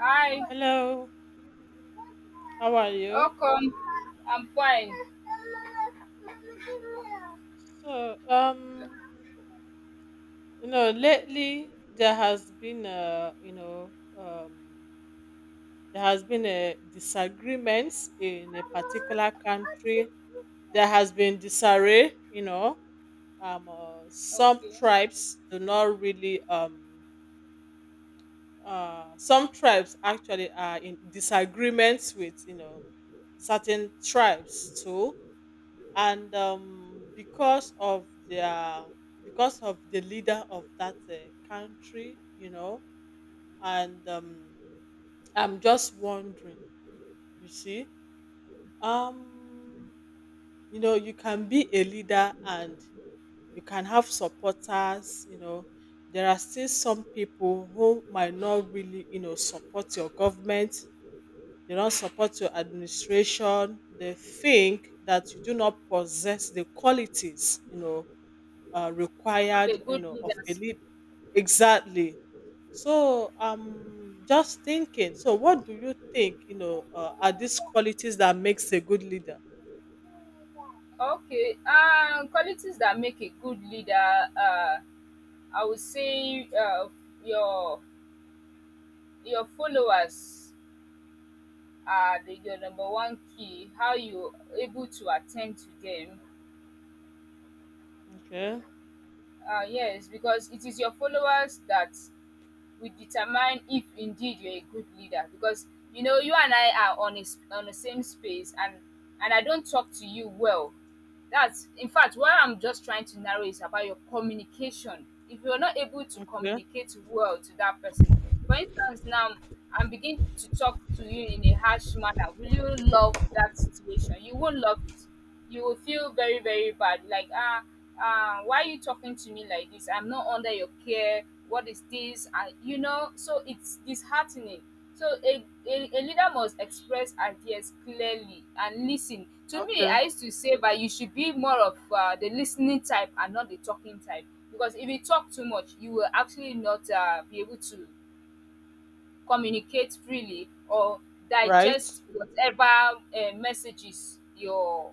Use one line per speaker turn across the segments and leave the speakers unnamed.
Hi,
Hello, how are you?
welcome. I'm fine.
So, lately there has been a disagreements in a particular country. There has been disarray. Some
Okay.
tribes do not really, some tribes actually are in disagreements with certain tribes too, and because of the leader of that country, and I'm just wondering. You see um you can be a leader, and you can have supporters. There are still some people who might not really support your government. They don't support your administration. They think that you do not possess the qualities
Of
required,
a good
of a
leaders?
lead. Exactly. So I'm just thinking. So what do you think? Are these qualities that makes a good leader?
Okay. Qualities that make a good leader. I would say your your followers are your number one key. How you able to attend to them?
Okay.
Yes, because it is your followers that would determine if indeed you're a good leader because you know you and I are on on the same space and I don't talk to you well. That's in fact what I'm just trying to narrow is about your communication. If you're not able to
Okay.
communicate well to that person, for instance, now I'm beginning to talk to you in a harsh manner, will you love that situation? You won't love it. You will feel very very bad like why are you talking to me like this? I'm not under your care. What is this? And so it's disheartening. So a leader must express ideas clearly and listen to me.
Okay.
I used to say that you should be more of the listening type and not the talking type, because if you talk too much you will actually not be able to communicate freely or
Right.
digest whatever messages your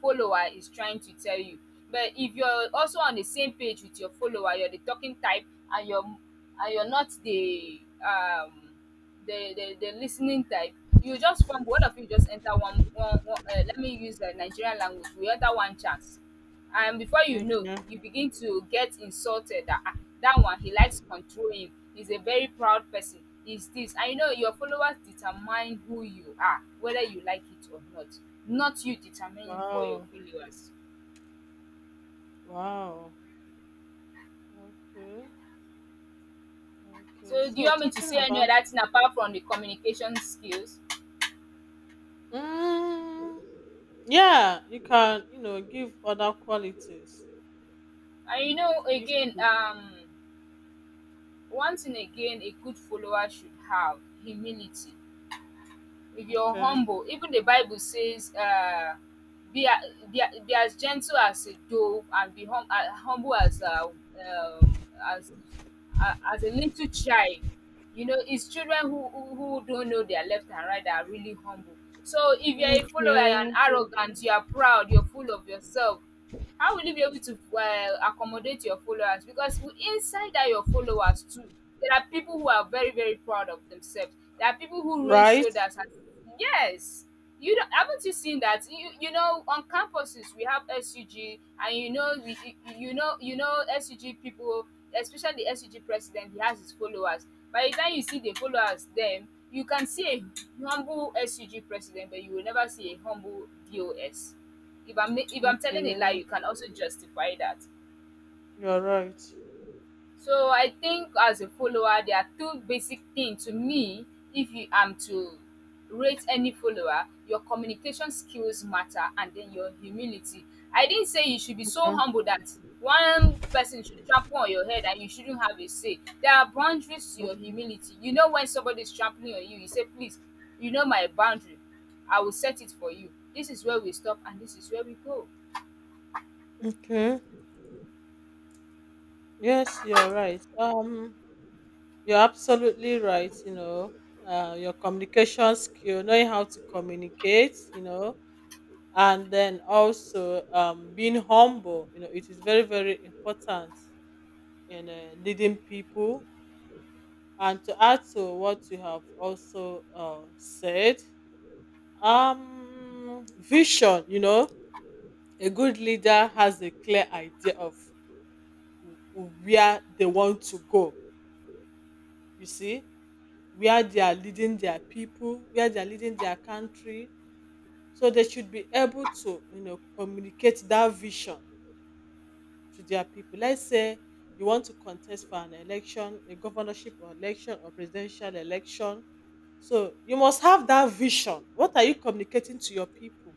follower is trying to tell you. But if you're also on the same page with your follower, you're the talking type, and you're not the listening type. You just from one of you just enter one let me use the nigerian language, we enter one chance, and before you know
Okay.
you begin to get insulted that ah, that one he likes to control him, he's a very proud person, he's this. I know your followers determine who you are whether you like it or not, not you determining for your
Wow.
followers.
Wow. Okay. Okay.
So do you
So
want me to
talking
say any
about.
other thing apart from the communication skills?
Mm, yeah, you can. Give other qualities.
And you know
If
again um Once and again, a good follower should have humility. If you're
okay.
humble, even the Bible says, be as gentle as a dove and be humble as as, as a little child. You know, it's children who, who don't know their left and right that are really humble. So if you're a follower
Okay.
and arrogant, you are proud, you're full of yourself, how will you be able to accommodate your followers, because inside that your followers too, there are people who are very very proud of themselves. There are people who raise
Right.
shoulders and yes, you don't, haven't you seen that you know, on campuses we have sug, and you know we, you know sug people, especially the sug president. He has his followers. By the time you see the followers them, you can see a humble sug president, but you will never see a humble dos. If I'm telling a lie,
Okay.
you can also justify that.
You're right.
So I think as a follower, there are two basic things to me. If you am to rate any follower, your communication skills matter, and then your humility. I didn't say you should be so humble that one person should trample on your head and you shouldn't have a say. There are boundaries to your humility. You know when somebody is trampling on you, you say, "Please, you know my boundary. I will set it for you. This is where we stop, and this is where we go."
Okay. Yes, you're right. You're absolutely right. Your communication skill, knowing how to communicate, and then also, being humble. It is very, very important in leading people. And to add to what you have also said, vision. A good leader has a clear idea of where they want to go. You see where they are leading their people, where they are leading their country. So they should be able to, communicate that vision to their people. Let's say you want to contest for an election, a governorship or election or presidential election. So you must have that vision. What are you communicating to your people?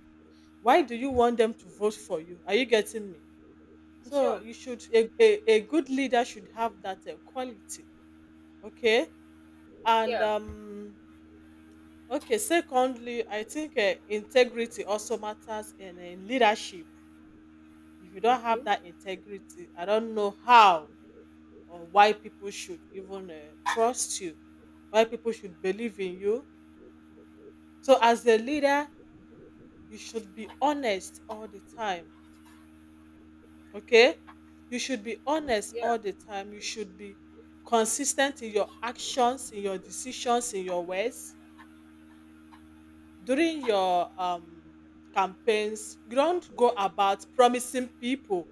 Why do you want them to vote for you? Are you getting me? So
Sure.
you should a good leader should have that quality. Okay. And
Yeah.
um Okay, secondly, I think integrity also matters in leadership. If you don't
Okay.
have that integrity, I don't know how or why people should even trust you, why people should believe in you. So, as a leader, you should be honest all the time. Okay? You should be honest
Yeah.
all the time. You should be consistent in your actions, in your decisions, in your words, during your campaigns. You don't go about promising people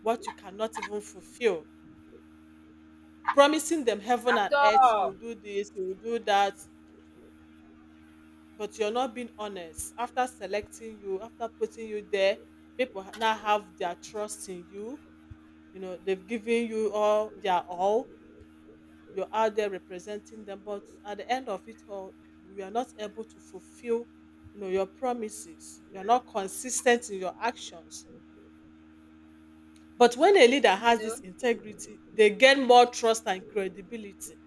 what you cannot even fulfill, promising them heaven
At
and earth, you will
all.
do this, you will do that, but you're not being honest. After selecting you, after putting you there, people now have their trust in you. You know, they've given you all their all. You're out there representing them, but at the end of it all, you are not able to fulfill, your promises. You're not consistent in your actions. But when a leader
You
has
know?
this integrity, they gain more trust and credibility,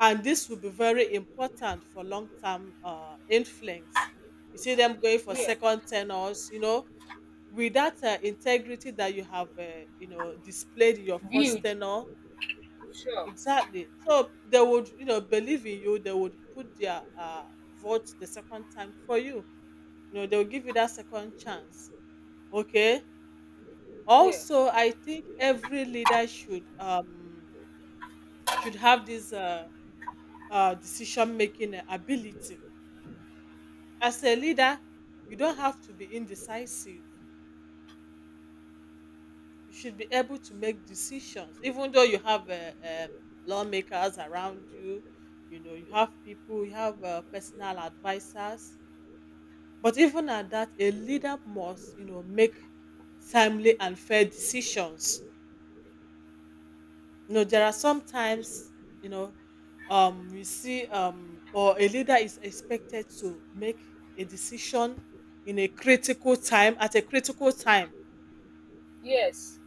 and this will be very important for long-term influence. You see them going for
Yeah.
second tenors, with that integrity that you have displayed in your first
Huge.
tenor.
Sure.
Exactly. So they would, believe in you. They would put their vote the second time for you. You know, they'll give you that second chance. Okay.
Yeah.
Also, I think every leader should have this decision making ability. As a leader, you don't have to be indecisive. You should be able to make decisions even though you have lawmakers around you. You know, you have people, you have personal advisors. But even at that, a leader must, make timely and fair decisions. You know, there are sometimes, you know we see, or a leader is expected to make a decision in a critical time at a critical time
Yes.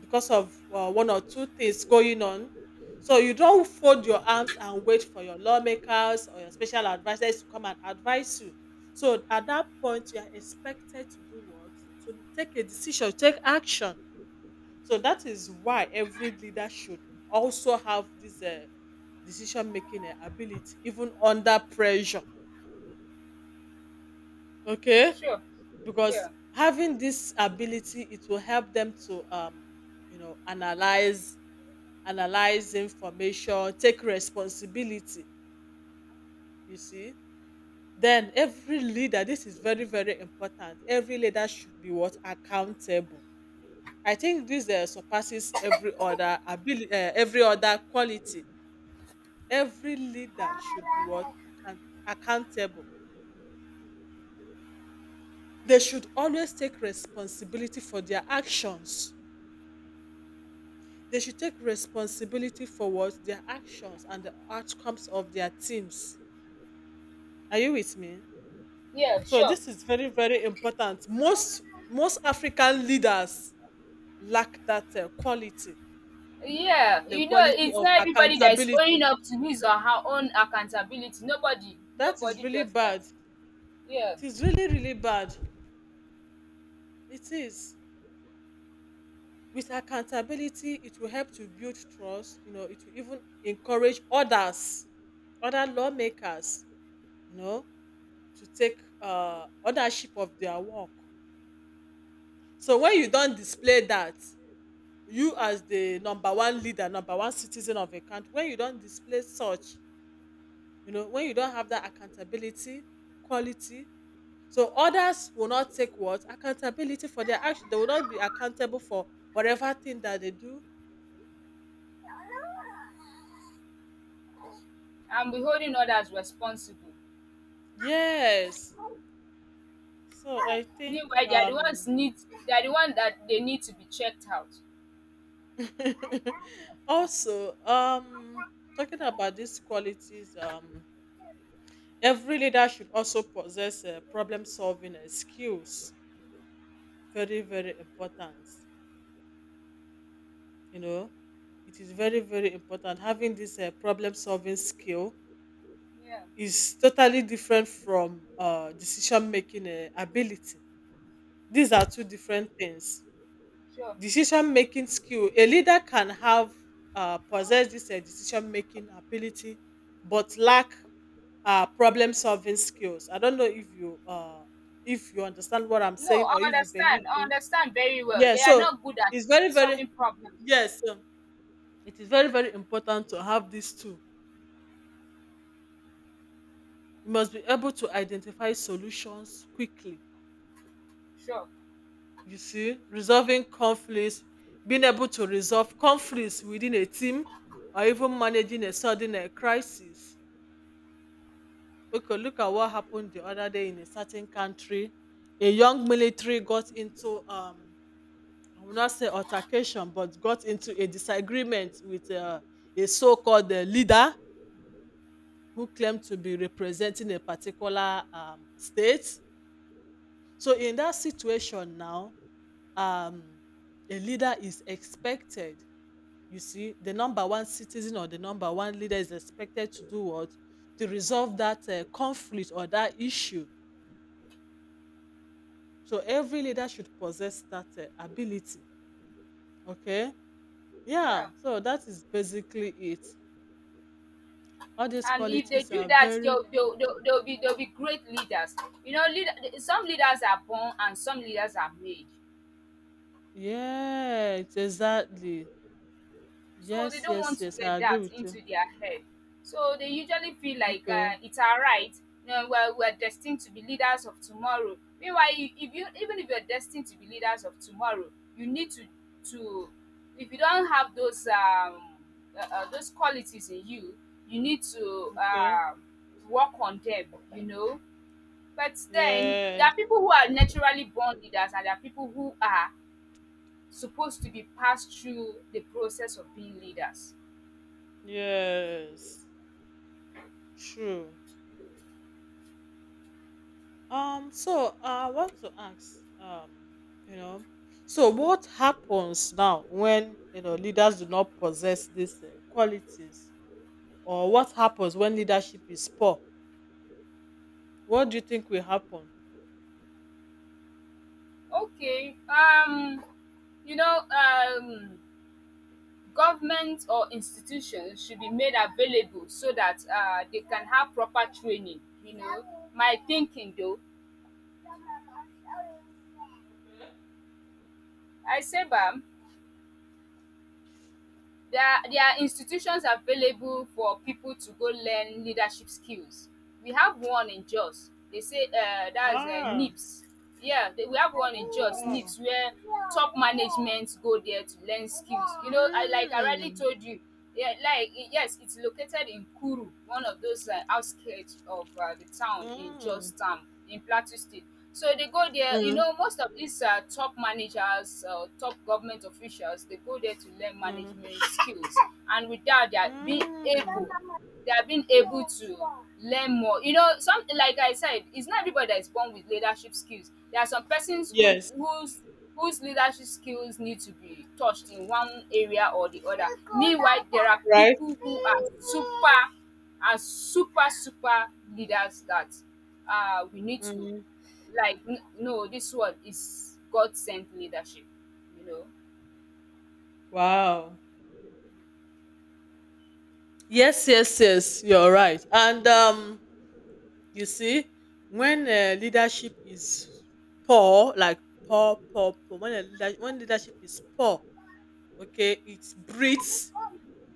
because of one or two things going on. So you don't fold your arms and wait for your lawmakers or your special advisors to come and advise you. So at that point, you are expected to do what? To take a decision, take action. So that is why every leader should also have this decision making ability, even under pressure. Okay,
Sure.
because
Yeah.
having this ability, it will help them to you know, analyze analyze information, take responsibility, you see. Then every leader, this is very, very important. Every leader should be what? Accountable. I think this surpasses every other ability, every other quality. Every leader should be what? Accountable. They should always take responsibility for their actions. They should take responsibility for what? Their actions and the outcomes of their teams. Are you with me?
Yeah,
So
sure.
this is very, very important. Most African leaders lack that quality,
Yeah.
the
You know,
quality
it's
of
not everybody that is
accountability.
owning up to his or her own accountability. Nobody.
That is
Nobody
really
does that.
bad.
Yeah.
It is really, really bad. It is. With accountability, it will help to build trust. You know, it will even encourage others, other lawmakers, you know, to take ownership of their work. So when you don't display that, you, as the number one leader, number one citizen of a country, when you don't display such, when you don't have that accountability quality, so others will not take what accountability for their action. They will not be accountable for whatever thing that they do.
And be holding others responsible.
Yes, so I think,
Meanwhile, they are the one that they need to be checked out.
also, talking about these qualities, every leader should also possess problem solving skills. Very, very important. you know it is very, very important. Having this problem solving skill
Yeah,
is totally different from decision making ability. These are two different things.
sure.
Decision making skill, a leader can have, possess this decision making ability, but lack problem solving skills. I don't know if you if you understand what I'm
No,
saying
I
or if you believe
understand. I
me.
understand very well.
Yeah,
They are
so
not good at
it's very, very.
solving problems.
Yes, it is very, very important to have these two. You must be able to identify solutions quickly,
Sure.
you see, resolving conflicts, being able to resolve conflicts within a team or even managing a sudden crisis. Okay, look at what happened the other day in a certain country. A young military got into, I will not say altercation, but got into a disagreement with a so called leader who claimed to be representing a particular state. So, in that situation now, um a leader is expected, you see, the number one citizen or the number one leader is expected to do what? To resolve that conflict or that issue. So every leader should possess that ability. Okay.
Yeah,
Yeah, so that is basically it. All these
and if they
qualities
do
are
that,
very.
they'll be great leaders. You know, leader, some leaders are born and some leaders are made,
Yes, exactly.
so
Yes,
they don't
yes,
want to
yes, I
get
agree
that
with you.
into their head. So they usually feel like
Okay.
it's our right. You know, we're destined to be leaders of tomorrow. Meanwhile, if you, even if you're destined to be leaders of tomorrow, you need to if you don't have those qualities in you, you need to
Okay.
work on them. You know. But then there
Yes,
are people who are naturally born leaders and there are people who are supposed to be passed through the process of being leaders.
yes, true. So, I want to ask, you know, so what happens now when leaders do not possess these qualities, or what happens when leadership is poor? What do you think will happen?
Okay. You know, government or institutions should be made available so that they can have proper training, you know. My thinking though. I say bam. There are institutions available for people to go learn leadership skills. We have one in Jos, they say that's
Ah,
NIBS. Yeah, we have one in Jos,
wow.
NIBS, where top management go there to learn skills. You know I, like I already
Mm,
told you. Yeah, like yes, it's located in Kuru, one of those outskirts of the town in
mm,
Georgetown in Plateau State. So they go there. You
mm,
know, most of these top managers, top government officials, they go there to learn
mm,
management skills, and with that,
mm.
they have been able to learn more. You know, some, like I said, it's not everybody that is born with leadership skills. There are some persons
Yes,
whose leadership skills need to be touched in one area or the other. Meanwhile, there are
right.
people who are super leaders that we need to,
Mm.
like no, this one is god sent leadership, you know.
Wow. Yes, yes, yes. You're right. And, you see, when leadership is poor, like poor, poor, poor, when, when leadership is poor, okay, it breeds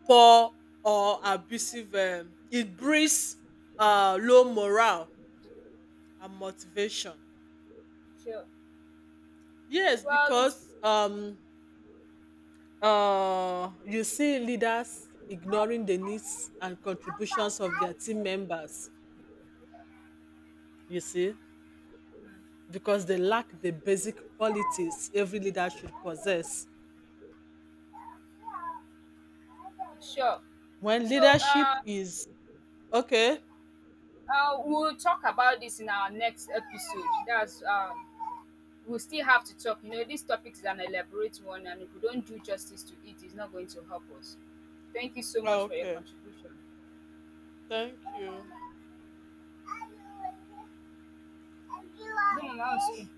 poor or abusive, it breeds low morale and motivation.
Sure.
Yes,
well it's
because you see leaders ignoring the needs and contributions of their team members, you see, because they lack the basic qualities every leader should possess
Sure.
when
So
leadership is okay.
we'll talk about this in our next episode. That's we'll still have to talk. You know, this topic is an elaborate one, and if we don't do justice to it, it's not going to help us. Thank you so
Ah,
much for your
okay.
contribution.
Thank you.
No, no, no, it's okay.